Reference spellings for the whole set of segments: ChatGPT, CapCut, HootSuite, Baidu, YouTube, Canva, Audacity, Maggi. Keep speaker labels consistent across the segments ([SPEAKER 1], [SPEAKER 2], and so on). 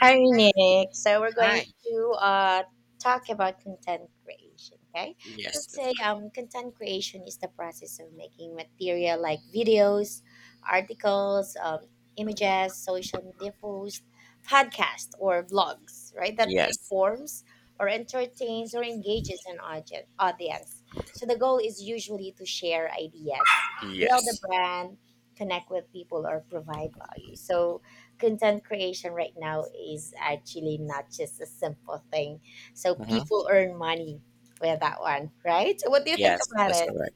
[SPEAKER 1] Hi, Nick. So we're going
[SPEAKER 2] Hi.
[SPEAKER 1] to talk about content creation. Okay, so
[SPEAKER 2] Yes, that's
[SPEAKER 1] today,
[SPEAKER 2] right.
[SPEAKER 1] content creation is the process of making material like videos, articles, images, social media posts, podcasts, or blogs, right? That
[SPEAKER 2] Yes.
[SPEAKER 1] informs or entertains or engages an audience. So the goal is usually to share ideas, build a
[SPEAKER 2] Yes.
[SPEAKER 1] brand, connect with people, or provide value. So content creation right now is actually not just a simple thing. So
[SPEAKER 2] hmm
[SPEAKER 1] people earn money with that one, right? So what do you think
[SPEAKER 2] Yes,
[SPEAKER 1] about
[SPEAKER 2] that's
[SPEAKER 1] it?
[SPEAKER 2] correct.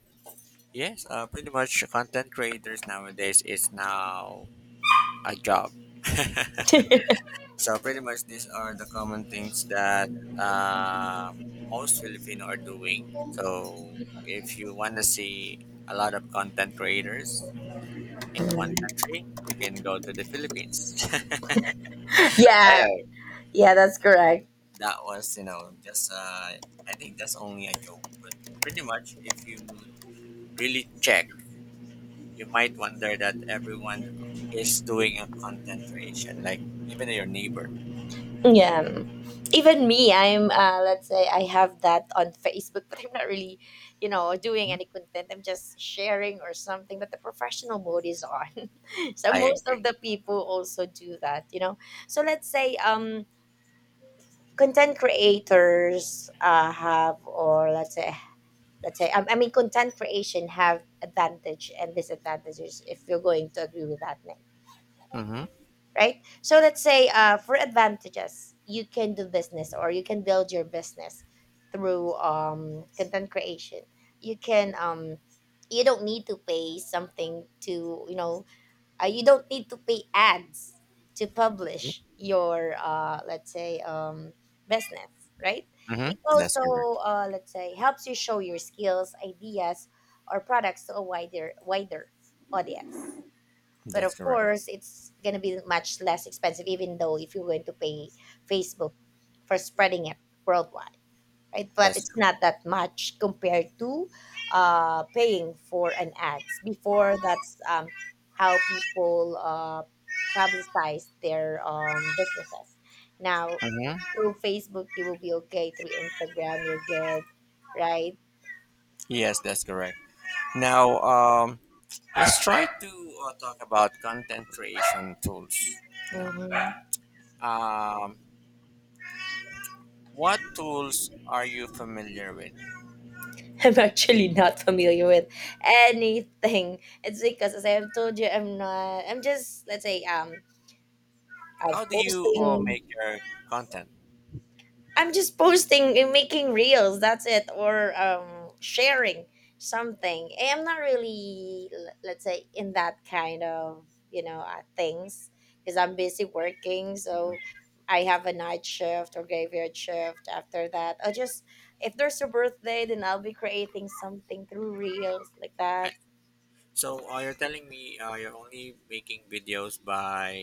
[SPEAKER 2] Yes, pretty much content creators nowadays is now a job. So pretty much these are the common things that uh, most Filipino are doing. So if you want to see a lot of content creators in one country, you can go to the Philippines.
[SPEAKER 1] Yeah,
[SPEAKER 2] Anyway,
[SPEAKER 1] yeah, that's correct.
[SPEAKER 2] that was just I think that's only a joke, but pretty much if you really check, you might wonder that everyone is doing a content creation, like even your neighbor.
[SPEAKER 1] Yeah. Even me, I'm, let's say, I have that on Facebook, but I'm not really, doing any content. I'm just sharing or something, but the professional mode is on. So
[SPEAKER 2] I
[SPEAKER 1] most of
[SPEAKER 2] agree.
[SPEAKER 1] the people also do that. So let's say content creators have, or let's say I mean content creation have advantage and disadvantages, if you're going to agree with that, Nick,
[SPEAKER 2] Mm-hmm.
[SPEAKER 1] right? So let's say for advantages, you can do business or you can build your business through content creation. You can you don't need to pay something to you don't need to pay ads to publish your let's say business, right?
[SPEAKER 2] Mm-hmm.
[SPEAKER 1] It
[SPEAKER 2] That's
[SPEAKER 1] also
[SPEAKER 2] correct.
[SPEAKER 1] let's say helps you show your skills, ideas, or products to a wider audience, but
[SPEAKER 2] That's
[SPEAKER 1] of
[SPEAKER 2] correct.
[SPEAKER 1] course it's going to be much less expensive, even though if you're going to pay Facebook for spreading it worldwide, right? But
[SPEAKER 2] That's
[SPEAKER 1] it's
[SPEAKER 2] correct.
[SPEAKER 1] not that much compared to paying for an ads. Before, that's how people publicize their businesses. Now,
[SPEAKER 2] Mm-hmm.
[SPEAKER 1] through Facebook, you will be okay. Through Instagram, you're good, right?
[SPEAKER 2] Yes, that's correct. Now, let's try to talk about content creation tools. Now,
[SPEAKER 1] Hmm.
[SPEAKER 2] um, what tools are you familiar with?
[SPEAKER 1] I'm actually not familiar with anything. It's because, as I have told you, I'm not. I'm just, let's say, of
[SPEAKER 2] How do you
[SPEAKER 1] posting.
[SPEAKER 2] make your content?
[SPEAKER 1] I'm just posting and making reels. That's it, or sharing something. Eh, I'm not really, let's say, in that kind of things because I'm busy working. So
[SPEAKER 2] Mm-hmm.
[SPEAKER 1] I have a night shift or graveyard shift. After that, I'll just, if there's a birthday, then I'll be creating something through reels like that.
[SPEAKER 2] I- So you're telling me you're only making videos by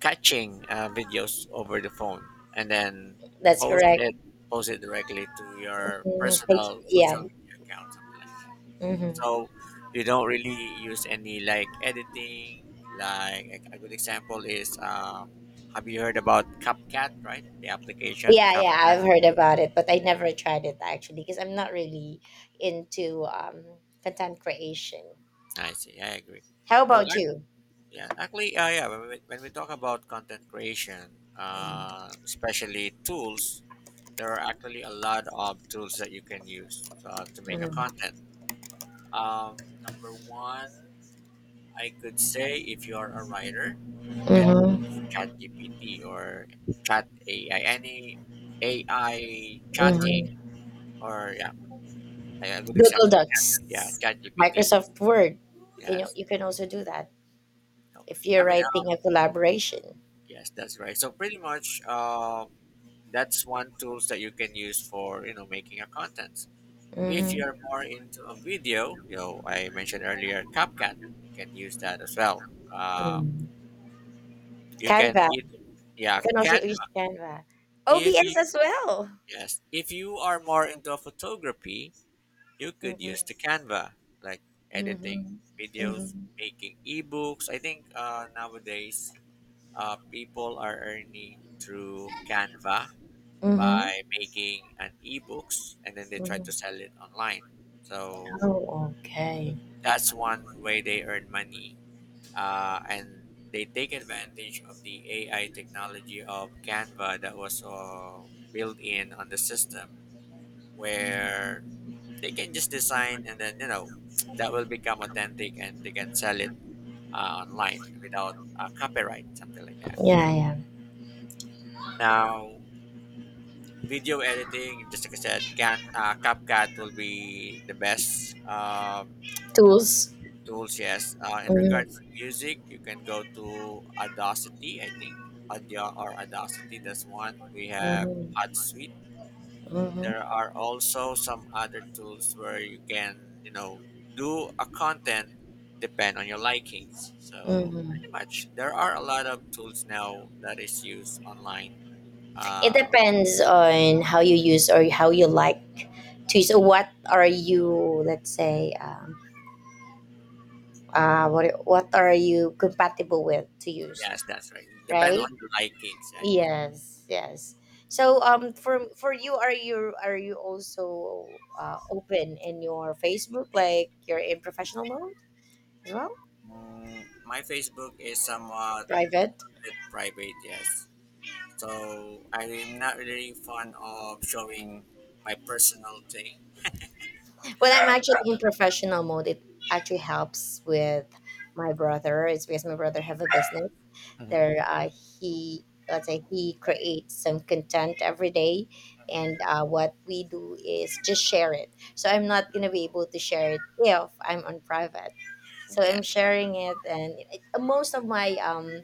[SPEAKER 2] catching videos over the phone and then
[SPEAKER 1] That's
[SPEAKER 2] post
[SPEAKER 1] correct.
[SPEAKER 2] it, post it directly to your
[SPEAKER 1] Mhm.
[SPEAKER 2] personal
[SPEAKER 1] Yeah.
[SPEAKER 2] social media account, something like that.
[SPEAKER 1] Hmm.
[SPEAKER 2] So you don't really use any like editing. Like a good example is, have you heard about CapCut, right? The application
[SPEAKER 1] Yeah, yeah,
[SPEAKER 2] CapCut.
[SPEAKER 1] I've
[SPEAKER 2] Yeah,
[SPEAKER 1] heard about it, but I never tried it actually because I'm not really into content creation.
[SPEAKER 2] I see. I agree.
[SPEAKER 1] How
[SPEAKER 2] Well,
[SPEAKER 1] about you?
[SPEAKER 2] yeah, actually, When when we talk about content creation, especially tools, there are actually a lot of tools that you can use to make a
[SPEAKER 1] Mm-hmm.
[SPEAKER 2] content. Um, number one, I could say if you are a writer, you can
[SPEAKER 1] Mm-hmm.
[SPEAKER 2] chat GPT or chat AI, any AI chatting, or yeah, like a good
[SPEAKER 1] Google
[SPEAKER 2] example,
[SPEAKER 1] Docs,
[SPEAKER 2] chat GPT.
[SPEAKER 1] Microsoft Word. You know,
[SPEAKER 2] Yes,
[SPEAKER 1] you can also do that
[SPEAKER 2] no,
[SPEAKER 1] if
[SPEAKER 2] I
[SPEAKER 1] you're
[SPEAKER 2] mean,
[SPEAKER 1] writing a collaboration.
[SPEAKER 2] yes, that's right. So pretty much, that's one tools that you can use for you know making a contents. If
[SPEAKER 1] Mm-hmm.
[SPEAKER 2] you're more into a video, you know I mentioned earlier CapCut, you can use that as well. Uh,
[SPEAKER 1] mm
[SPEAKER 2] you can
[SPEAKER 1] Canva.
[SPEAKER 2] eat yeah
[SPEAKER 1] You can also
[SPEAKER 2] cat
[SPEAKER 1] use Canva.
[SPEAKER 2] If you—
[SPEAKER 1] OBS as well.
[SPEAKER 2] yes, if you are more into photography, you could
[SPEAKER 1] Mm-hmm.
[SPEAKER 2] use the canva, like editing
[SPEAKER 1] Mm-hmm. Mm-hmm.
[SPEAKER 2] videos, making ebooks. I think nowadays people are earning through canva by
[SPEAKER 1] Mm-hmm.
[SPEAKER 2] making an ebooks and then they try to sell it online. So
[SPEAKER 1] Oh, okay.
[SPEAKER 2] that's one way they earn money. And they take advantage of the AI technology of Canva that was built in on the system where they can just design and then, you know, that will become authentic and they can sell it online without copyright, something like that.
[SPEAKER 1] Yeah, yeah.
[SPEAKER 2] Now, video editing, just like I said, CapCut will be the best
[SPEAKER 1] Tools.
[SPEAKER 2] tools. Yes. In
[SPEAKER 1] Mhm,
[SPEAKER 2] regards to music, you can go to Audacity. I think Audio or Audacity. That's one. We have
[SPEAKER 1] mhm,
[SPEAKER 2] HotSuite. There
[SPEAKER 1] mhm,
[SPEAKER 2] are also some other tools where you can, you know, do a content depend on your likings. So
[SPEAKER 1] mhm.
[SPEAKER 2] pretty much, there are a lot of tools now that is used online.
[SPEAKER 1] It
[SPEAKER 2] Uh,
[SPEAKER 1] depends on how you use, or how you like to use. So what are you, let's say, what are you compatible with to use,
[SPEAKER 2] Yes, that's right. Depend
[SPEAKER 1] right?
[SPEAKER 2] on your likings, right?
[SPEAKER 1] Yes, yes. So, for you, are you also open in your Facebook, like you're in professional mode as well,
[SPEAKER 2] Mm, my Facebook is somewhat
[SPEAKER 1] private?
[SPEAKER 2] bit private, yes. So I'm not really fond of showing my personal thing.
[SPEAKER 1] When I'm actually in professional mode, it actually helps with my brother. It's because my brother have a business. There,
[SPEAKER 2] hmm
[SPEAKER 1] he, let's say, he creates some content every day, and what we do is just share it. So I'm not gonna be able to share it if I'm on private. So I'm
[SPEAKER 2] Yes.
[SPEAKER 1] sharing it, and it, most of my um,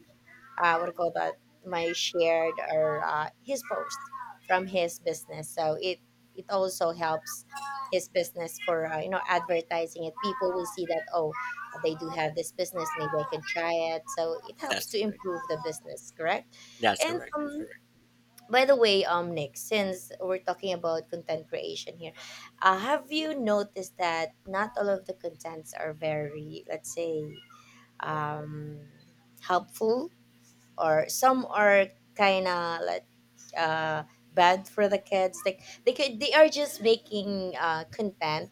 [SPEAKER 1] uh, what do you call that, my shared, or his post from his business, so it also helps his business for advertising it. People will see that, oh, they do have this business, maybe I can try it. So it helps
[SPEAKER 2] That's
[SPEAKER 1] to
[SPEAKER 2] correct.
[SPEAKER 1] improve the business, correct.
[SPEAKER 2] That's
[SPEAKER 1] And
[SPEAKER 2] correct. That's correct.
[SPEAKER 1] by the way, Nick, since we're talking about content creation here, have you noticed that not all of the contents are very, let's say, um helpful, or some are kind of like uh bad for the kids? Like, they are just making content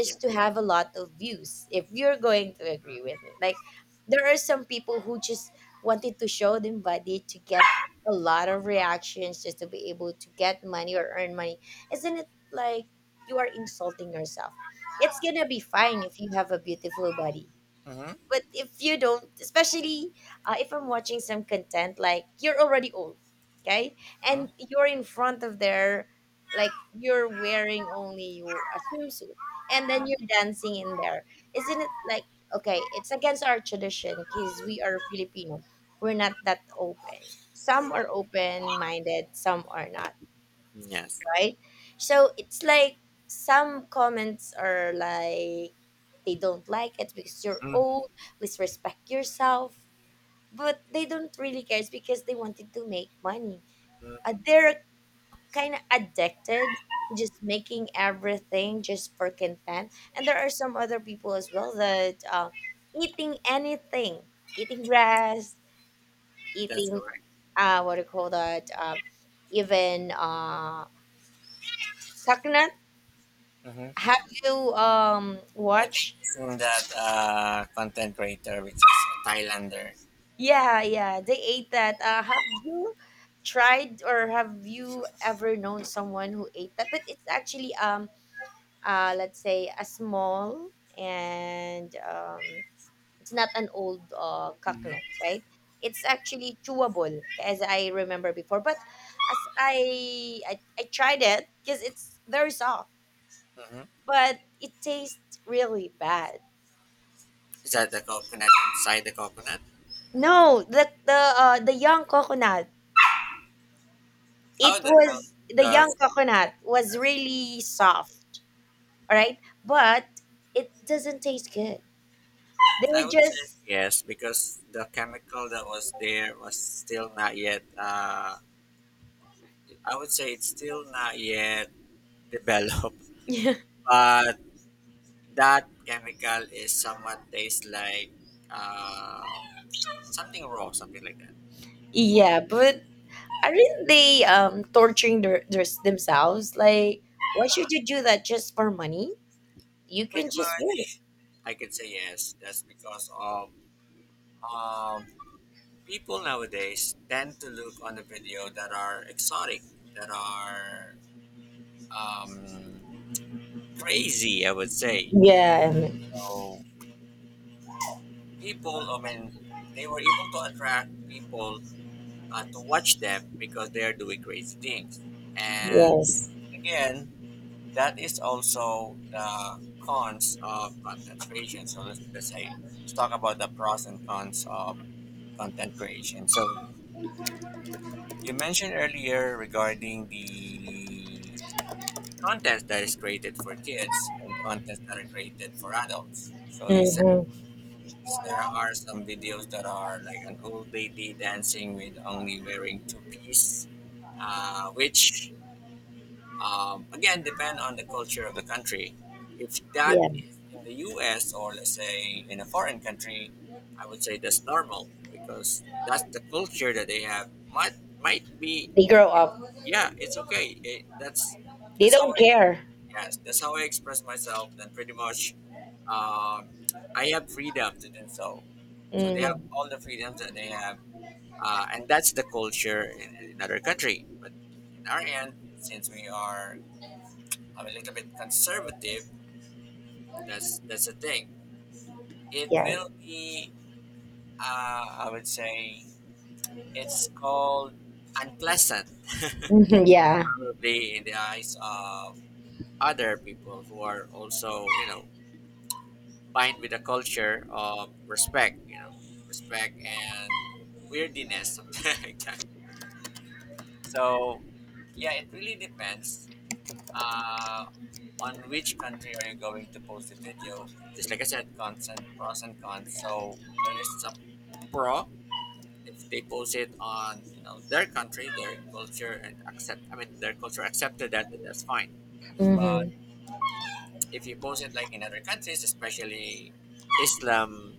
[SPEAKER 2] Yeah.
[SPEAKER 1] to have a lot of views, if you're going to agree with me. Like, there are some people who just wanted to show their body to get a lot of reactions, just to be able to get money or earn money. Isn't it, like, you are insulting yourself? It's gonna be fine if you have a beautiful body,
[SPEAKER 2] Mhm,
[SPEAKER 1] but if you don't, especially if I'm watching some content, like you're already old, okay,
[SPEAKER 2] mhm.
[SPEAKER 1] and you're in front of there, like you're wearing only your a swimsuit, and then
[SPEAKER 2] Mm.
[SPEAKER 1] you're dancing in there. Isn't it, like, okay? It's against our tradition because we are Filipino. We're not that open. Some are open minded, some are not,
[SPEAKER 2] Yes.
[SPEAKER 1] right? So it's like some comments are like they don't like it because you're
[SPEAKER 2] Mhm,
[SPEAKER 1] old. Please respect yourself. But they don't really care. It's because they wanted to make money. Uh,
[SPEAKER 2] mhm.
[SPEAKER 1] they're kind of addicted, just making everything just for content. And there are some other people as well that eating anything, eating grass,
[SPEAKER 2] That's
[SPEAKER 1] eating
[SPEAKER 2] correct.
[SPEAKER 1] what do you call that? Even coconut.
[SPEAKER 2] Mhm.
[SPEAKER 1] Have you
[SPEAKER 2] I think
[SPEAKER 1] watched?
[SPEAKER 2] isn't that content creator, which is a Thailander.
[SPEAKER 1] Yeah, yeah, they ate that. Have you tried, or have you ever known someone who ate that? But it's actually let's say a small, and it's not an old
[SPEAKER 2] Mhm.
[SPEAKER 1] coconut, right? It's actually chewable, as I remember before. But as I tried it because it's very soft,
[SPEAKER 2] Mhm.
[SPEAKER 1] but it tastes really bad.
[SPEAKER 2] Is that the coconut inside the coconut?
[SPEAKER 1] No, the young coconut.
[SPEAKER 2] Oh,
[SPEAKER 1] It
[SPEAKER 2] the
[SPEAKER 1] was the
[SPEAKER 2] the.
[SPEAKER 1] young coconut, was really soft. All right. But it doesn't taste good. They
[SPEAKER 2] I
[SPEAKER 1] were
[SPEAKER 2] would say
[SPEAKER 1] just.
[SPEAKER 2] yes because the chemical that was there was still not yet. I would say it's still not yet develop. But that chemical is somewhat tastes like uh, something raw, something like that.
[SPEAKER 1] Yeah, but aren't they torturing themselves? Like, why should you do that just for money? You
[SPEAKER 2] Pretty
[SPEAKER 1] can just win
[SPEAKER 2] much.
[SPEAKER 1] it.
[SPEAKER 2] I can say yes. That's because of um, people nowadays tend to look on the video that are exotic, that are um, crazy. I would say
[SPEAKER 1] Yeah.
[SPEAKER 2] so. People, they were able to attract people to watch them because they are doing crazy things. And
[SPEAKER 1] Yes.
[SPEAKER 2] again, that is also the cons of content creation. So let's say let's talk about the pros and cons of content creation. So you mentioned earlier regarding the content that is created for kids and content that are created for adults. So you said
[SPEAKER 1] Hmm.
[SPEAKER 2] there are some videos that are like an old lady dancing with only wearing two piece, which again, depend on the culture of the country. If that
[SPEAKER 1] Yeah.
[SPEAKER 2] is in the U.S. or let's say in a foreign country, I would say that's normal because that's the culture that they have. Might be
[SPEAKER 1] They grow up,
[SPEAKER 2] yeah, it's okay. It,
[SPEAKER 1] they
[SPEAKER 2] that's how
[SPEAKER 1] don't
[SPEAKER 2] I
[SPEAKER 1] care.
[SPEAKER 2] Yes, that's how I express myself. Then pretty much, um, I have freedom to do so. So they have
[SPEAKER 1] Hmm.
[SPEAKER 2] all the freedoms that they have, and that's the culture in another country. But in our end, since we are I'm a little bit conservative. That's the thing. It
[SPEAKER 1] Yes.
[SPEAKER 2] will be. I would say it's called unpleasant,
[SPEAKER 1] Hmm. Yeah.
[SPEAKER 2] probably in the eyes of other people who are also you know fine with the culture of respect. You know, respect and weirdiness, something like that. So yeah, it really depends. Uh, on which country are you going to post the video. Just like I said, cons pros and cons. So there is a pro if they post it on you know their country, their culture, and accept. I mean, their culture accepted that. That's fine. But
[SPEAKER 1] Hmm.
[SPEAKER 2] if you post it like in other countries, especially Islam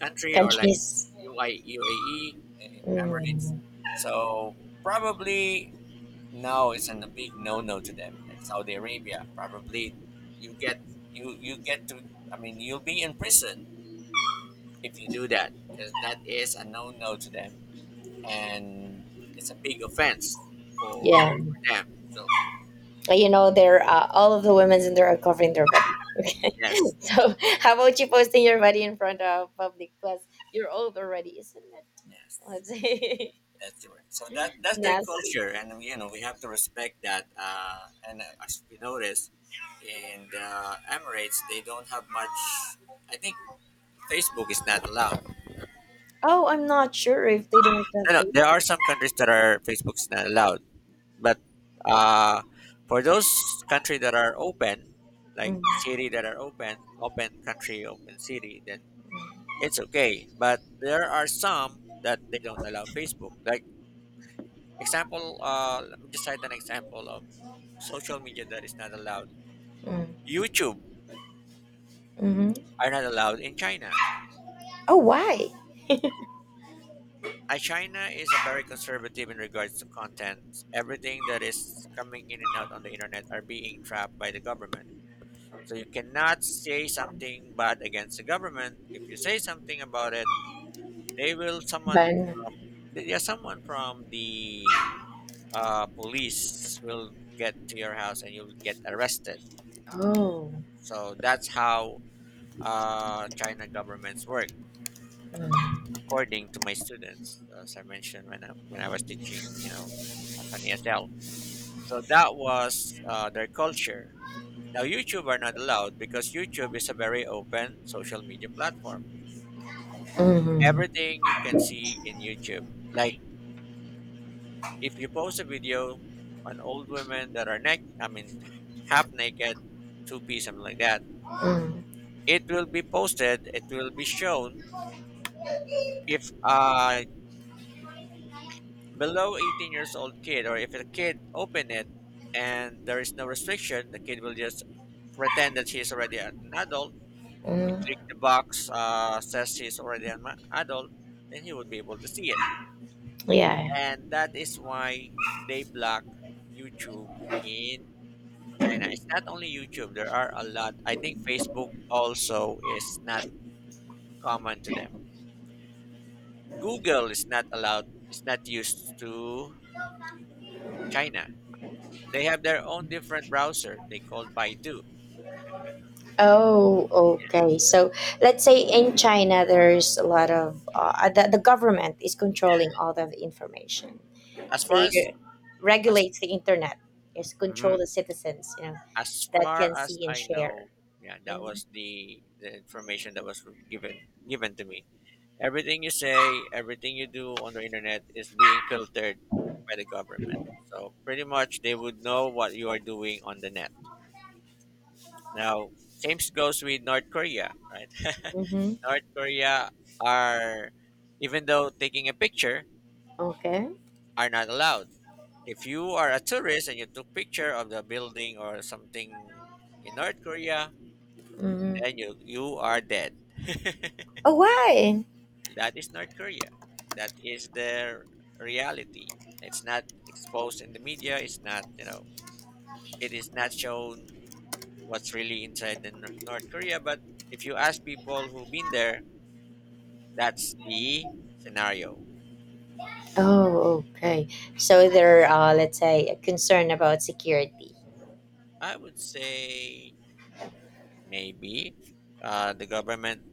[SPEAKER 2] country or like
[SPEAKER 1] Countries.
[SPEAKER 2] U I U A E, Emirates,
[SPEAKER 1] Hmm.
[SPEAKER 2] so probably no, it's a big no-no to them. Like Saudi Arabia, probably you get you get to. I mean, you'll be in prison if you do that because that is a no-no to them, and it's a big offense for,
[SPEAKER 1] Yeah.
[SPEAKER 2] for them. So
[SPEAKER 1] They're all of the women's, and they are covering their body, okay?
[SPEAKER 2] yes, that's
[SPEAKER 1] So, how about you posting your body in front of public? Plus, you're old already, isn't it,
[SPEAKER 2] correct. Yes,
[SPEAKER 1] let's say?
[SPEAKER 2] that's right. So that that's their
[SPEAKER 1] Nasty.
[SPEAKER 2] culture, and you know we have to respect that. And as we notice in the Emirates, they don't have much. I think Facebook is not allowed.
[SPEAKER 1] Oh, I'm not sure if they don't have
[SPEAKER 2] No, no,
[SPEAKER 1] face.
[SPEAKER 2] there are some countries that are Facebook's not allowed, but uh, for those country that are open, like
[SPEAKER 1] Mm-hmm.
[SPEAKER 2] city that are open, open country, open city, then it's okay. But there are some that they don't allow Facebook. Like example, let me just cite an example of social media that is not allowed. YouTube
[SPEAKER 1] Mm-hmm.
[SPEAKER 2] are not allowed in China.
[SPEAKER 1] Oh, why?
[SPEAKER 2] China is a very conservative in regards to content. Everything that is coming in and out on the internet are being trapped by the government. So you cannot say something bad against the government. If you say something about it, they will
[SPEAKER 1] But.
[SPEAKER 2] someone from yeah, someone from the police will get to your house and you'll get arrested.
[SPEAKER 1] Oh.
[SPEAKER 2] So that's how China governments work,
[SPEAKER 1] Mm-hmm.
[SPEAKER 2] according to my students, as I mentioned when I was teaching, you know, as an ESL. So that was their culture. Now YouTube are not allowed because YouTube is a very open social media platform,
[SPEAKER 1] Mm-hmm.
[SPEAKER 2] everything you can see in YouTube. Like if you post a video on old women that are half naked, two-piece, something like that, it will be posted. It will be shown if a below 18 years old kid or if a kid open it and there is no restriction, the kid will just pretend that he's already an adult. He
[SPEAKER 1] Mm-hmm.
[SPEAKER 2] click the box, says he's already an adult, and he would be able to see it.
[SPEAKER 1] Yeah.
[SPEAKER 2] And that is why they block YouTube in China. It's not only YouTube, there are a lot. I think Facebook also is not common to them. Google is not allowed, it's not used to China. They have their own different browser. They call Baidu.
[SPEAKER 1] Oh, okay. So, let's say, in China, there's a lot of the government is controlling all the information.
[SPEAKER 2] As far
[SPEAKER 1] They
[SPEAKER 2] as
[SPEAKER 1] regulates the internet. It's control
[SPEAKER 2] mhm,
[SPEAKER 1] the citizens,
[SPEAKER 2] as
[SPEAKER 1] that can
[SPEAKER 2] far as
[SPEAKER 1] see and
[SPEAKER 2] I
[SPEAKER 1] share.
[SPEAKER 2] know, yeah, that
[SPEAKER 1] Mm-hmm.
[SPEAKER 2] was the information that was given given to me. Everything you say, everything you do on the internet is being filtered by the government. So pretty much they would know what you are doing on the net. Now, same goes with North Korea, right?
[SPEAKER 1] Mm-hmm.
[SPEAKER 2] North Korea are, even though taking a picture,
[SPEAKER 1] Okay.
[SPEAKER 2] are not allowed. If you are a tourist and you took picture of the building or something in North Korea, then
[SPEAKER 1] Hmm.
[SPEAKER 2] you are dead.
[SPEAKER 1] Oh, why?
[SPEAKER 2] That is North Korea. That is their reality. It's not exposed in the media. It's not, you know, it is not shown what's really inside the North Korea. But if you ask people who've been there, that's the scenario.
[SPEAKER 1] Oh, okay. So they're, let's say, concerned about security.
[SPEAKER 2] I would say maybe the government,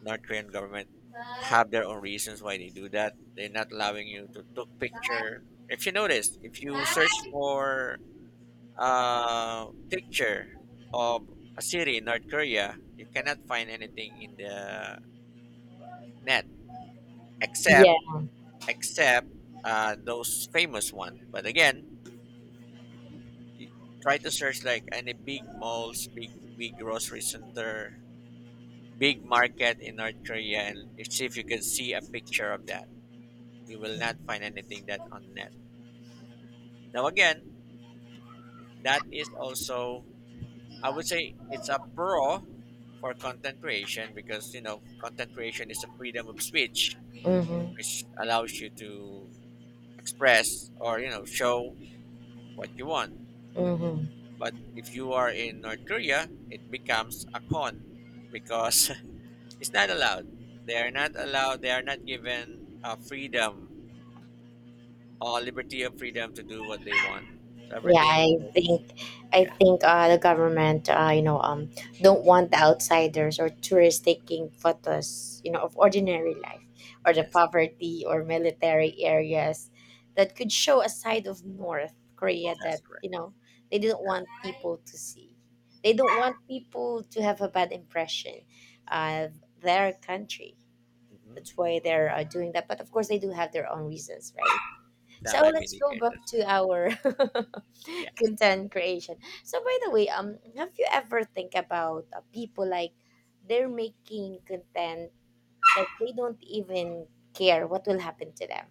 [SPEAKER 2] North Korean government, have their own reasons why they do that. They're not allowing you to took picture. If you notice, if you search for picture of a city in North Korea, you cannot find anything in the net
[SPEAKER 1] Yeah.
[SPEAKER 2] except except those famous one. But again, y- try to search like any big malls, big grocery center, big market in North Korea, and see if you can see a picture of that. You will not find anything that on net. Now again, that is also, I would say, it's a pro for content creation, because content creation is a freedom of speech,
[SPEAKER 1] Mm-hmm.
[SPEAKER 2] which allows you to express or show what you want.
[SPEAKER 1] Mm-hmm.
[SPEAKER 2] But if you are in North Korea, it becomes a con because it's not allowed. They are not allowed. They are not given a freedom or liberty of freedom to do what they want. So
[SPEAKER 1] Yeah,
[SPEAKER 2] everything
[SPEAKER 1] I
[SPEAKER 2] is.
[SPEAKER 1] think I
[SPEAKER 2] Yeah.
[SPEAKER 1] think the government don't want the outsiders or tourists taking photos, you know, of ordinary life, or the
[SPEAKER 2] Yes,
[SPEAKER 1] poverty, or military areas that could show a side of North Korea
[SPEAKER 2] that's
[SPEAKER 1] that
[SPEAKER 2] correct.
[SPEAKER 1] they didn't want people to see. They don't want people to have a bad impression of their country.
[SPEAKER 2] Hmm.
[SPEAKER 1] That's why they're doing that. But of course, they do have their own reasons, right? So,
[SPEAKER 2] That might be
[SPEAKER 1] let's
[SPEAKER 2] the
[SPEAKER 1] go
[SPEAKER 2] case
[SPEAKER 1] back
[SPEAKER 2] as
[SPEAKER 1] to
[SPEAKER 2] well.
[SPEAKER 1] our
[SPEAKER 2] Yes.
[SPEAKER 1] content creation. So, by the way, have you ever think about people like they're making content like they don't even care what will happen to them,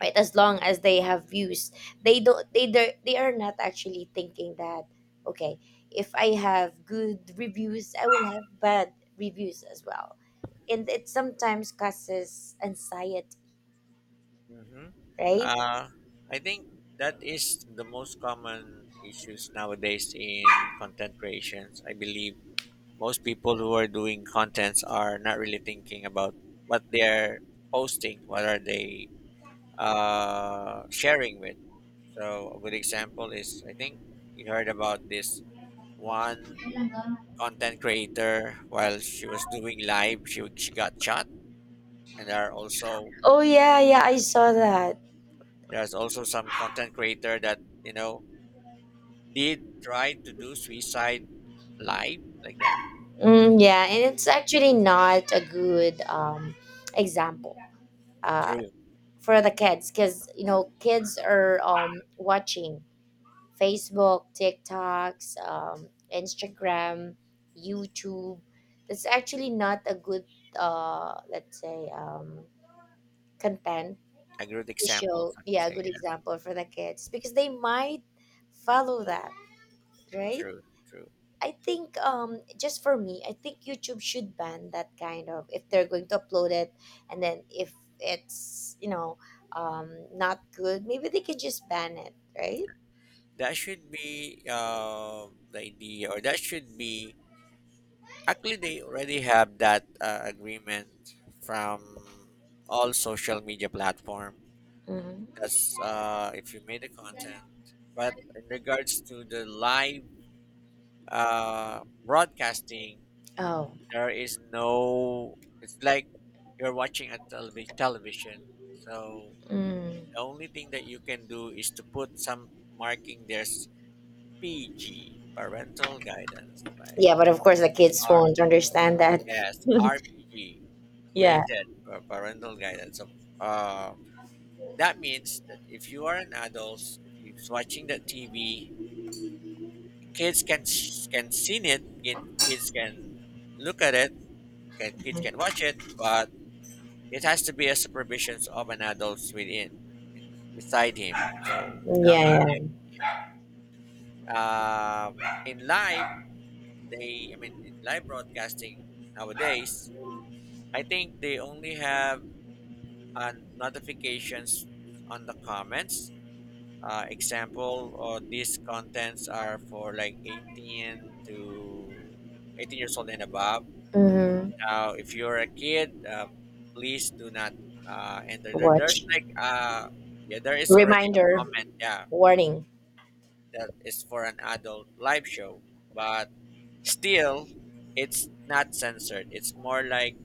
[SPEAKER 1] right? As long as they have views, they don't. They are not actually thinking that, okay, if I have good reviews, I will have bad reviews as well, and it sometimes causes anxiety,
[SPEAKER 2] Mm-hmm.
[SPEAKER 1] right?
[SPEAKER 2] Uh, I think that is the most common issues nowadays in content creations. I believe most people who are doing contents are not really thinking about what they're posting, what are they sharing with. So a good example is I think you heard about this one content creator while she was doing live, she got shot, and
[SPEAKER 1] Oh yeah, yeah, I saw that.
[SPEAKER 2] there's also some content creator that did try to do suicide live like that.
[SPEAKER 1] Mm, yeah, and it's actually not a good example uh,
[SPEAKER 2] True.
[SPEAKER 1] for the kids because kids are watching Facebook, TikToks, Instagram, YouTube. That's actually not a good, let's say, content
[SPEAKER 2] A good
[SPEAKER 1] to
[SPEAKER 2] example.
[SPEAKER 1] show. Yeah, a good
[SPEAKER 2] Something. Yeah.
[SPEAKER 1] example for the kids because they might follow that, right?
[SPEAKER 2] True. True.
[SPEAKER 1] I think just for me, I think YouTube should ban that kind of, if they're going to upload it, and then if it's, not good, maybe they can just ban it, right?
[SPEAKER 2] That should be the idea, or that should be, actually they already have that agreement from all social media platform.
[SPEAKER 1] Hmm.
[SPEAKER 2] That's if you made the content, but in regards to the live broadcasting,
[SPEAKER 1] Oh.
[SPEAKER 2] there is no. It's like you're watching a television. So
[SPEAKER 1] Mm.
[SPEAKER 2] the only thing that you can do is to put some marking. There's PG, parental guidance, like
[SPEAKER 1] Yeah, but of course the kids
[SPEAKER 2] R.
[SPEAKER 1] won't understand that.
[SPEAKER 2] Yes, RPG,
[SPEAKER 1] Yeah.
[SPEAKER 2] rated for parental guidance. So, uh, that means that if you are an adult, if you're watching that TV, kids can see it. Kids can look at it. Kids can
[SPEAKER 1] Mm-hmm.
[SPEAKER 2] watch it, but it has to be a supervision of an adult within, I mean, beside him. So that
[SPEAKER 1] Yeah,
[SPEAKER 2] was it.
[SPEAKER 1] yeah.
[SPEAKER 2] Uh, in live, I mean, in live broadcasting nowadays, I think they only have notifications on the comments. Example, or these contents are for like 18 to 18 years old and above.
[SPEAKER 1] Hmm.
[SPEAKER 2] Now, if you're a kid, please do not enter there. There's
[SPEAKER 1] Watch.
[SPEAKER 2] like, yeah, there is already a
[SPEAKER 1] Reminder,
[SPEAKER 2] comment. Yeah,
[SPEAKER 1] warning.
[SPEAKER 2] that is for an adult live show, but still, it's not censored. It's more like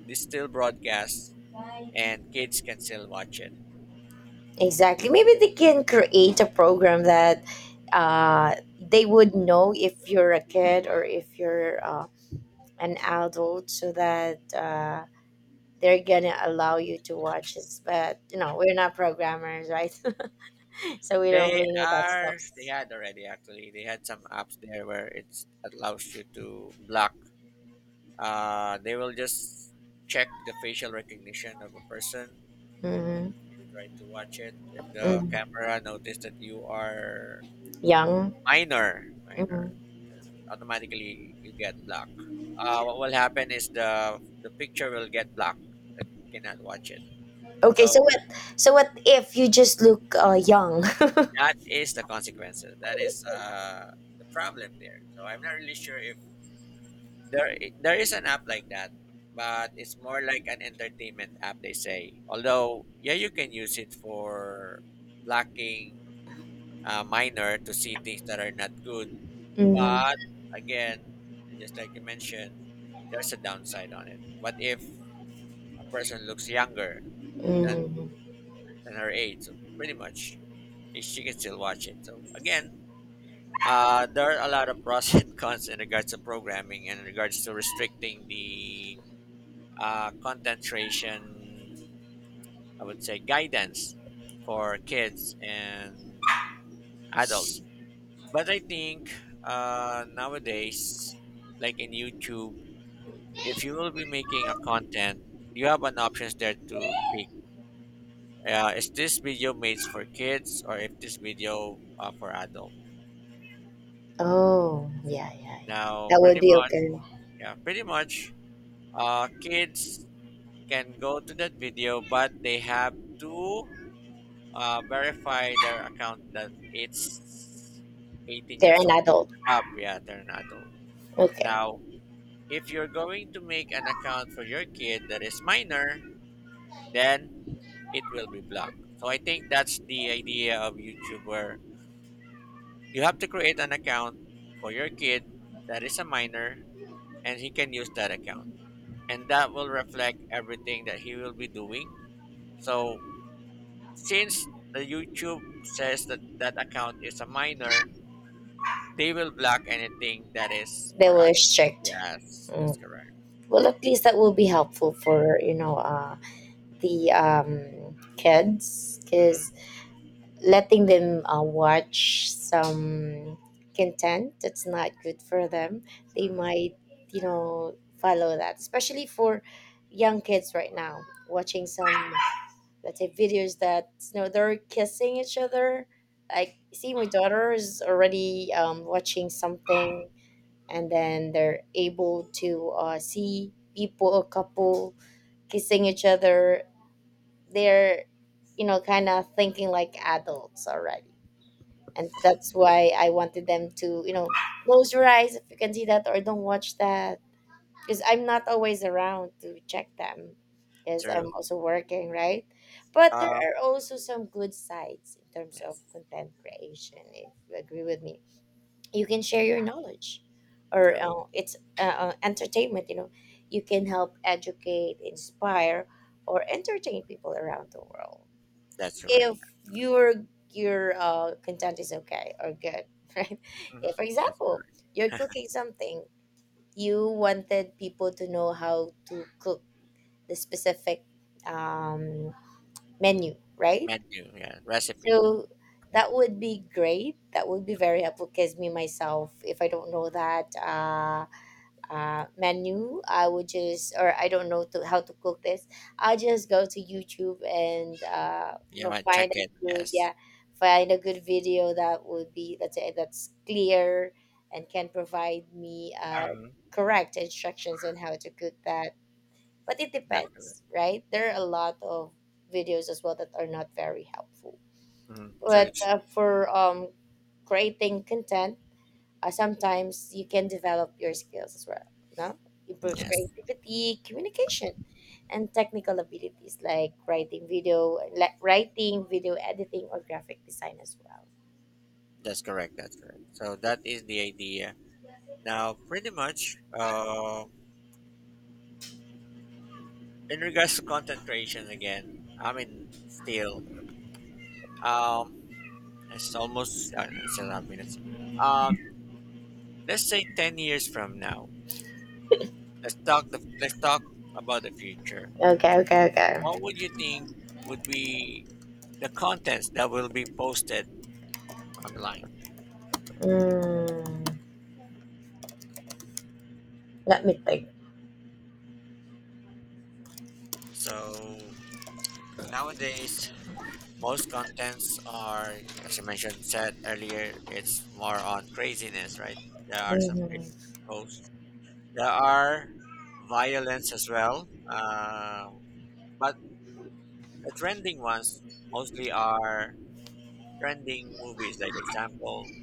[SPEAKER 2] they still broadcast, and kids can still watch it.
[SPEAKER 1] Exactly. Maybe they can create a program that they would know if you're a kid or if you're an adult, so that they're going to allow you to watch it. But we're not programmers, right? So we don't
[SPEAKER 2] They
[SPEAKER 1] really know that stuff.
[SPEAKER 2] they had already, actually they had some apps there where it's allows you to block. They will just check the facial recognition of a person
[SPEAKER 1] Hmm.
[SPEAKER 2] you try to watch it. If the camera notice that you are
[SPEAKER 1] Young.
[SPEAKER 2] minor,
[SPEAKER 1] Hmm.
[SPEAKER 2] automatically you get blocked. What will happen is the picture will get blocked. Cannot watch it.
[SPEAKER 1] Okay, so
[SPEAKER 2] So
[SPEAKER 1] what? So what if you just look young?
[SPEAKER 2] that is the consequences. That is the problem there. So I'm not really sure if there is an app like that, but it's more like an entertainment app. They say. Although yeah, you can use it for blocking minor to see things that are not good.
[SPEAKER 1] Hmm.
[SPEAKER 2] But again, just like you mentioned, there's a downside on it. What if a person looks younger than,
[SPEAKER 1] Hmm.
[SPEAKER 2] than her age? So pretty much she can still watch it. So again, there are a lot of pros and cons in regards to programming and in regards to restricting the content creation, I would say guidance for kids and adults. But I think nowadays, like in YouTube, if you will be making a content, you have an options there to pick. Is this video made for kids or if this video for adult?
[SPEAKER 1] Oh, yeah, yeah, yeah.
[SPEAKER 2] Now,
[SPEAKER 1] That would
[SPEAKER 2] pretty
[SPEAKER 1] be
[SPEAKER 2] much,
[SPEAKER 1] okay.
[SPEAKER 2] yeah, pretty much, kids can go to that video, but they have to verify their account that it's 18
[SPEAKER 1] They're
[SPEAKER 2] years
[SPEAKER 1] an
[SPEAKER 2] old
[SPEAKER 1] adult.
[SPEAKER 2] and up. Yeah, they're an adult.
[SPEAKER 1] Okay.
[SPEAKER 2] Now, if you're going to make an account for your kid that is minor, then it will be blocked. So I think that's the idea of YouTube where you have to create an account for your kid that is a minor and he can use that account. And that will reflect everything that he will be doing. So since the YouTube says that that account is a minor, they will block anything that is
[SPEAKER 1] They
[SPEAKER 2] for us.
[SPEAKER 1] were strict.
[SPEAKER 2] Yes, that's
[SPEAKER 1] Mm.
[SPEAKER 2] correct.
[SPEAKER 1] Well, at least that will be helpful for the kids
[SPEAKER 2] Mm-hmm,
[SPEAKER 1] because letting them watch some content that's not good for them, they
[SPEAKER 2] mm-hmm.
[SPEAKER 1] might follow that, especially for young kids right now watching some, let's say, videos that they're kissing each other. Like, see, my daughter is already watching something and then they're able to see people, a couple, kissing each other. They're, kind of thinking like adults already, and that's why I wanted them to close your eyes if you can see that, or don't watch that because I'm not always around to check them, because
[SPEAKER 2] True.
[SPEAKER 1] I'm also working, right? But there
[SPEAKER 2] Um,
[SPEAKER 1] are also some good sides in terms of
[SPEAKER 2] yes,
[SPEAKER 1] content creation, if you agree with me. You can share your knowledge, or
[SPEAKER 2] true.
[SPEAKER 1] it's entertainment. You can help educate, inspire, or entertain people around the world
[SPEAKER 2] That's correct.
[SPEAKER 1] if your content is okay or good, right?
[SPEAKER 2] Mm-hmm,
[SPEAKER 1] If, for
[SPEAKER 2] that's
[SPEAKER 1] example,
[SPEAKER 2] correct.
[SPEAKER 1] you're cooking something, you wanted people to know how to cook the specific um, menu, right?
[SPEAKER 2] Menu, yeah, recipe.
[SPEAKER 1] So that would be great. That would be very helpful because me myself, if I don't know that menu, I would just, or I don't know to, how to cook this, I'll just go to YouTube and
[SPEAKER 2] You might check
[SPEAKER 1] find
[SPEAKER 2] it.
[SPEAKER 1] a good,
[SPEAKER 2] Yes,
[SPEAKER 1] yeah, find a good video that would be, let's say, that's clear and can provide me
[SPEAKER 2] hmm
[SPEAKER 1] correct instructions on how to cook that. But it
[SPEAKER 2] that's correct.
[SPEAKER 1] depends, right? There are a lot of videos as well that are not very helpful.
[SPEAKER 2] Hmm. True.
[SPEAKER 1] But
[SPEAKER 2] True.
[SPEAKER 1] for creating content, sometimes you can develop your skills as well, no, improves
[SPEAKER 2] Yes,
[SPEAKER 1] creativity, communication, and technical abilities, like writing video editing or graphic design as well.
[SPEAKER 2] that's correct. That's correct. So that is the idea. Now, pretty much, in regards to content creation again, I mean, still, um, it's almost it's 11 minutes. Um, let's say 10 years from now, let's talk about the future.
[SPEAKER 1] Okay, okay,
[SPEAKER 2] What would
[SPEAKER 1] okay.
[SPEAKER 2] you think would be the contents that will be posted online?
[SPEAKER 1] mm, Let me think.
[SPEAKER 2] So nowadays, most contents are, as you mentioned, said earlier, it's more on craziness, right? There are some
[SPEAKER 1] hmm
[SPEAKER 2] craziness posts. There are violence as well, but the trending ones mostly are trending movies. Like example,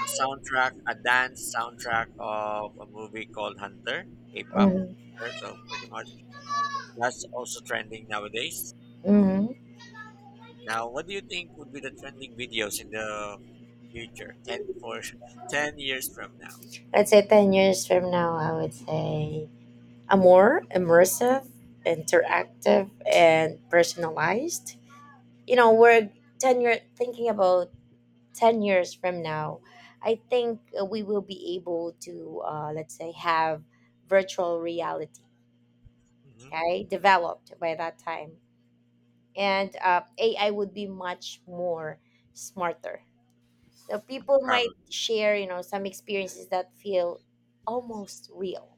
[SPEAKER 2] a dance soundtrack of a movie called Hunter, K-pop, right? So pretty much that's also trending nowadays.
[SPEAKER 1] hmm
[SPEAKER 2] Now, what do you think would be the trending videos in the future? 10 for 10 years from now.
[SPEAKER 1] let's say 10 years from now, I would say a more immersive, interactive, and personalized, we're 10-year thinking about 10 years from now, I think we will be able to, let's say, have virtual reality,
[SPEAKER 2] Hmm.
[SPEAKER 1] okay, developed by that time. And AI would be much more smarter. Now, people
[SPEAKER 2] Probably.
[SPEAKER 1] might share, some experiences that feel almost real,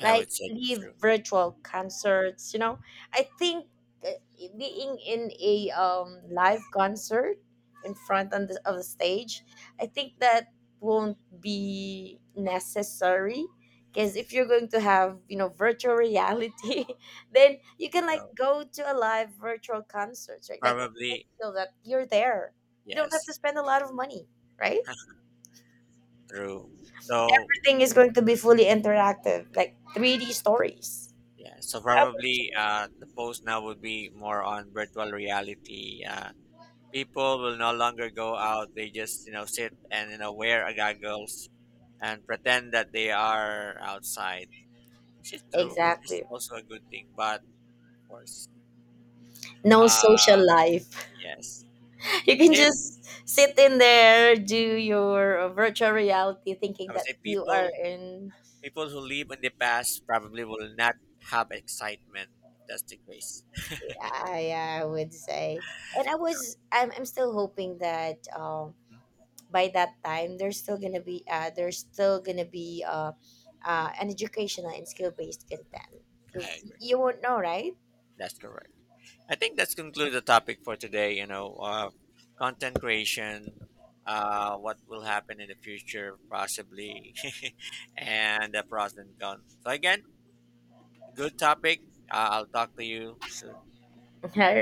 [SPEAKER 2] I
[SPEAKER 1] like
[SPEAKER 2] would say that's
[SPEAKER 1] live
[SPEAKER 2] true.
[SPEAKER 1] virtual concerts. I think uh, being in a live concert in front of the stage, I think that won't be necessary because if you're going to have virtual reality, then you can like
[SPEAKER 2] So,
[SPEAKER 1] go to a live virtual concert, right? Like, you
[SPEAKER 2] probably.
[SPEAKER 1] feel that you're there, you don't have to
[SPEAKER 2] Yes.
[SPEAKER 1] spend a lot of money, right?
[SPEAKER 2] True. So,
[SPEAKER 1] Everything is going to be fully interactive, like 3D stories.
[SPEAKER 2] yeah, so
[SPEAKER 1] How about you?
[SPEAKER 2] probably the post now would be more on virtual reality. People will no longer go out. They just sit and wear a goggles and pretend that they are outside, which is true, which is
[SPEAKER 1] Exactly.
[SPEAKER 2] also a good thing. But, of course,
[SPEAKER 1] No
[SPEAKER 2] uh,
[SPEAKER 1] social life.
[SPEAKER 2] yes.
[SPEAKER 1] You can
[SPEAKER 2] If
[SPEAKER 1] just sit in there, do your virtual reality, thinking
[SPEAKER 2] I would
[SPEAKER 1] that
[SPEAKER 2] say
[SPEAKER 1] you are in.
[SPEAKER 2] people who live in the past probably will not have excitement if that's the case.
[SPEAKER 1] I, I would say, and I was. I'm. I'm still hoping that
[SPEAKER 2] Mhm.
[SPEAKER 1] by that time there's still gonna be an educational and skill based content
[SPEAKER 2] I
[SPEAKER 1] because
[SPEAKER 2] agree.
[SPEAKER 1] you won't know, right.
[SPEAKER 2] That's correct. I think that's conclude the topic for today. You know, content creation, what will happen in the future, possibly, and the pros and cons. So again, good topic. I'll talk to you soon.
[SPEAKER 1] All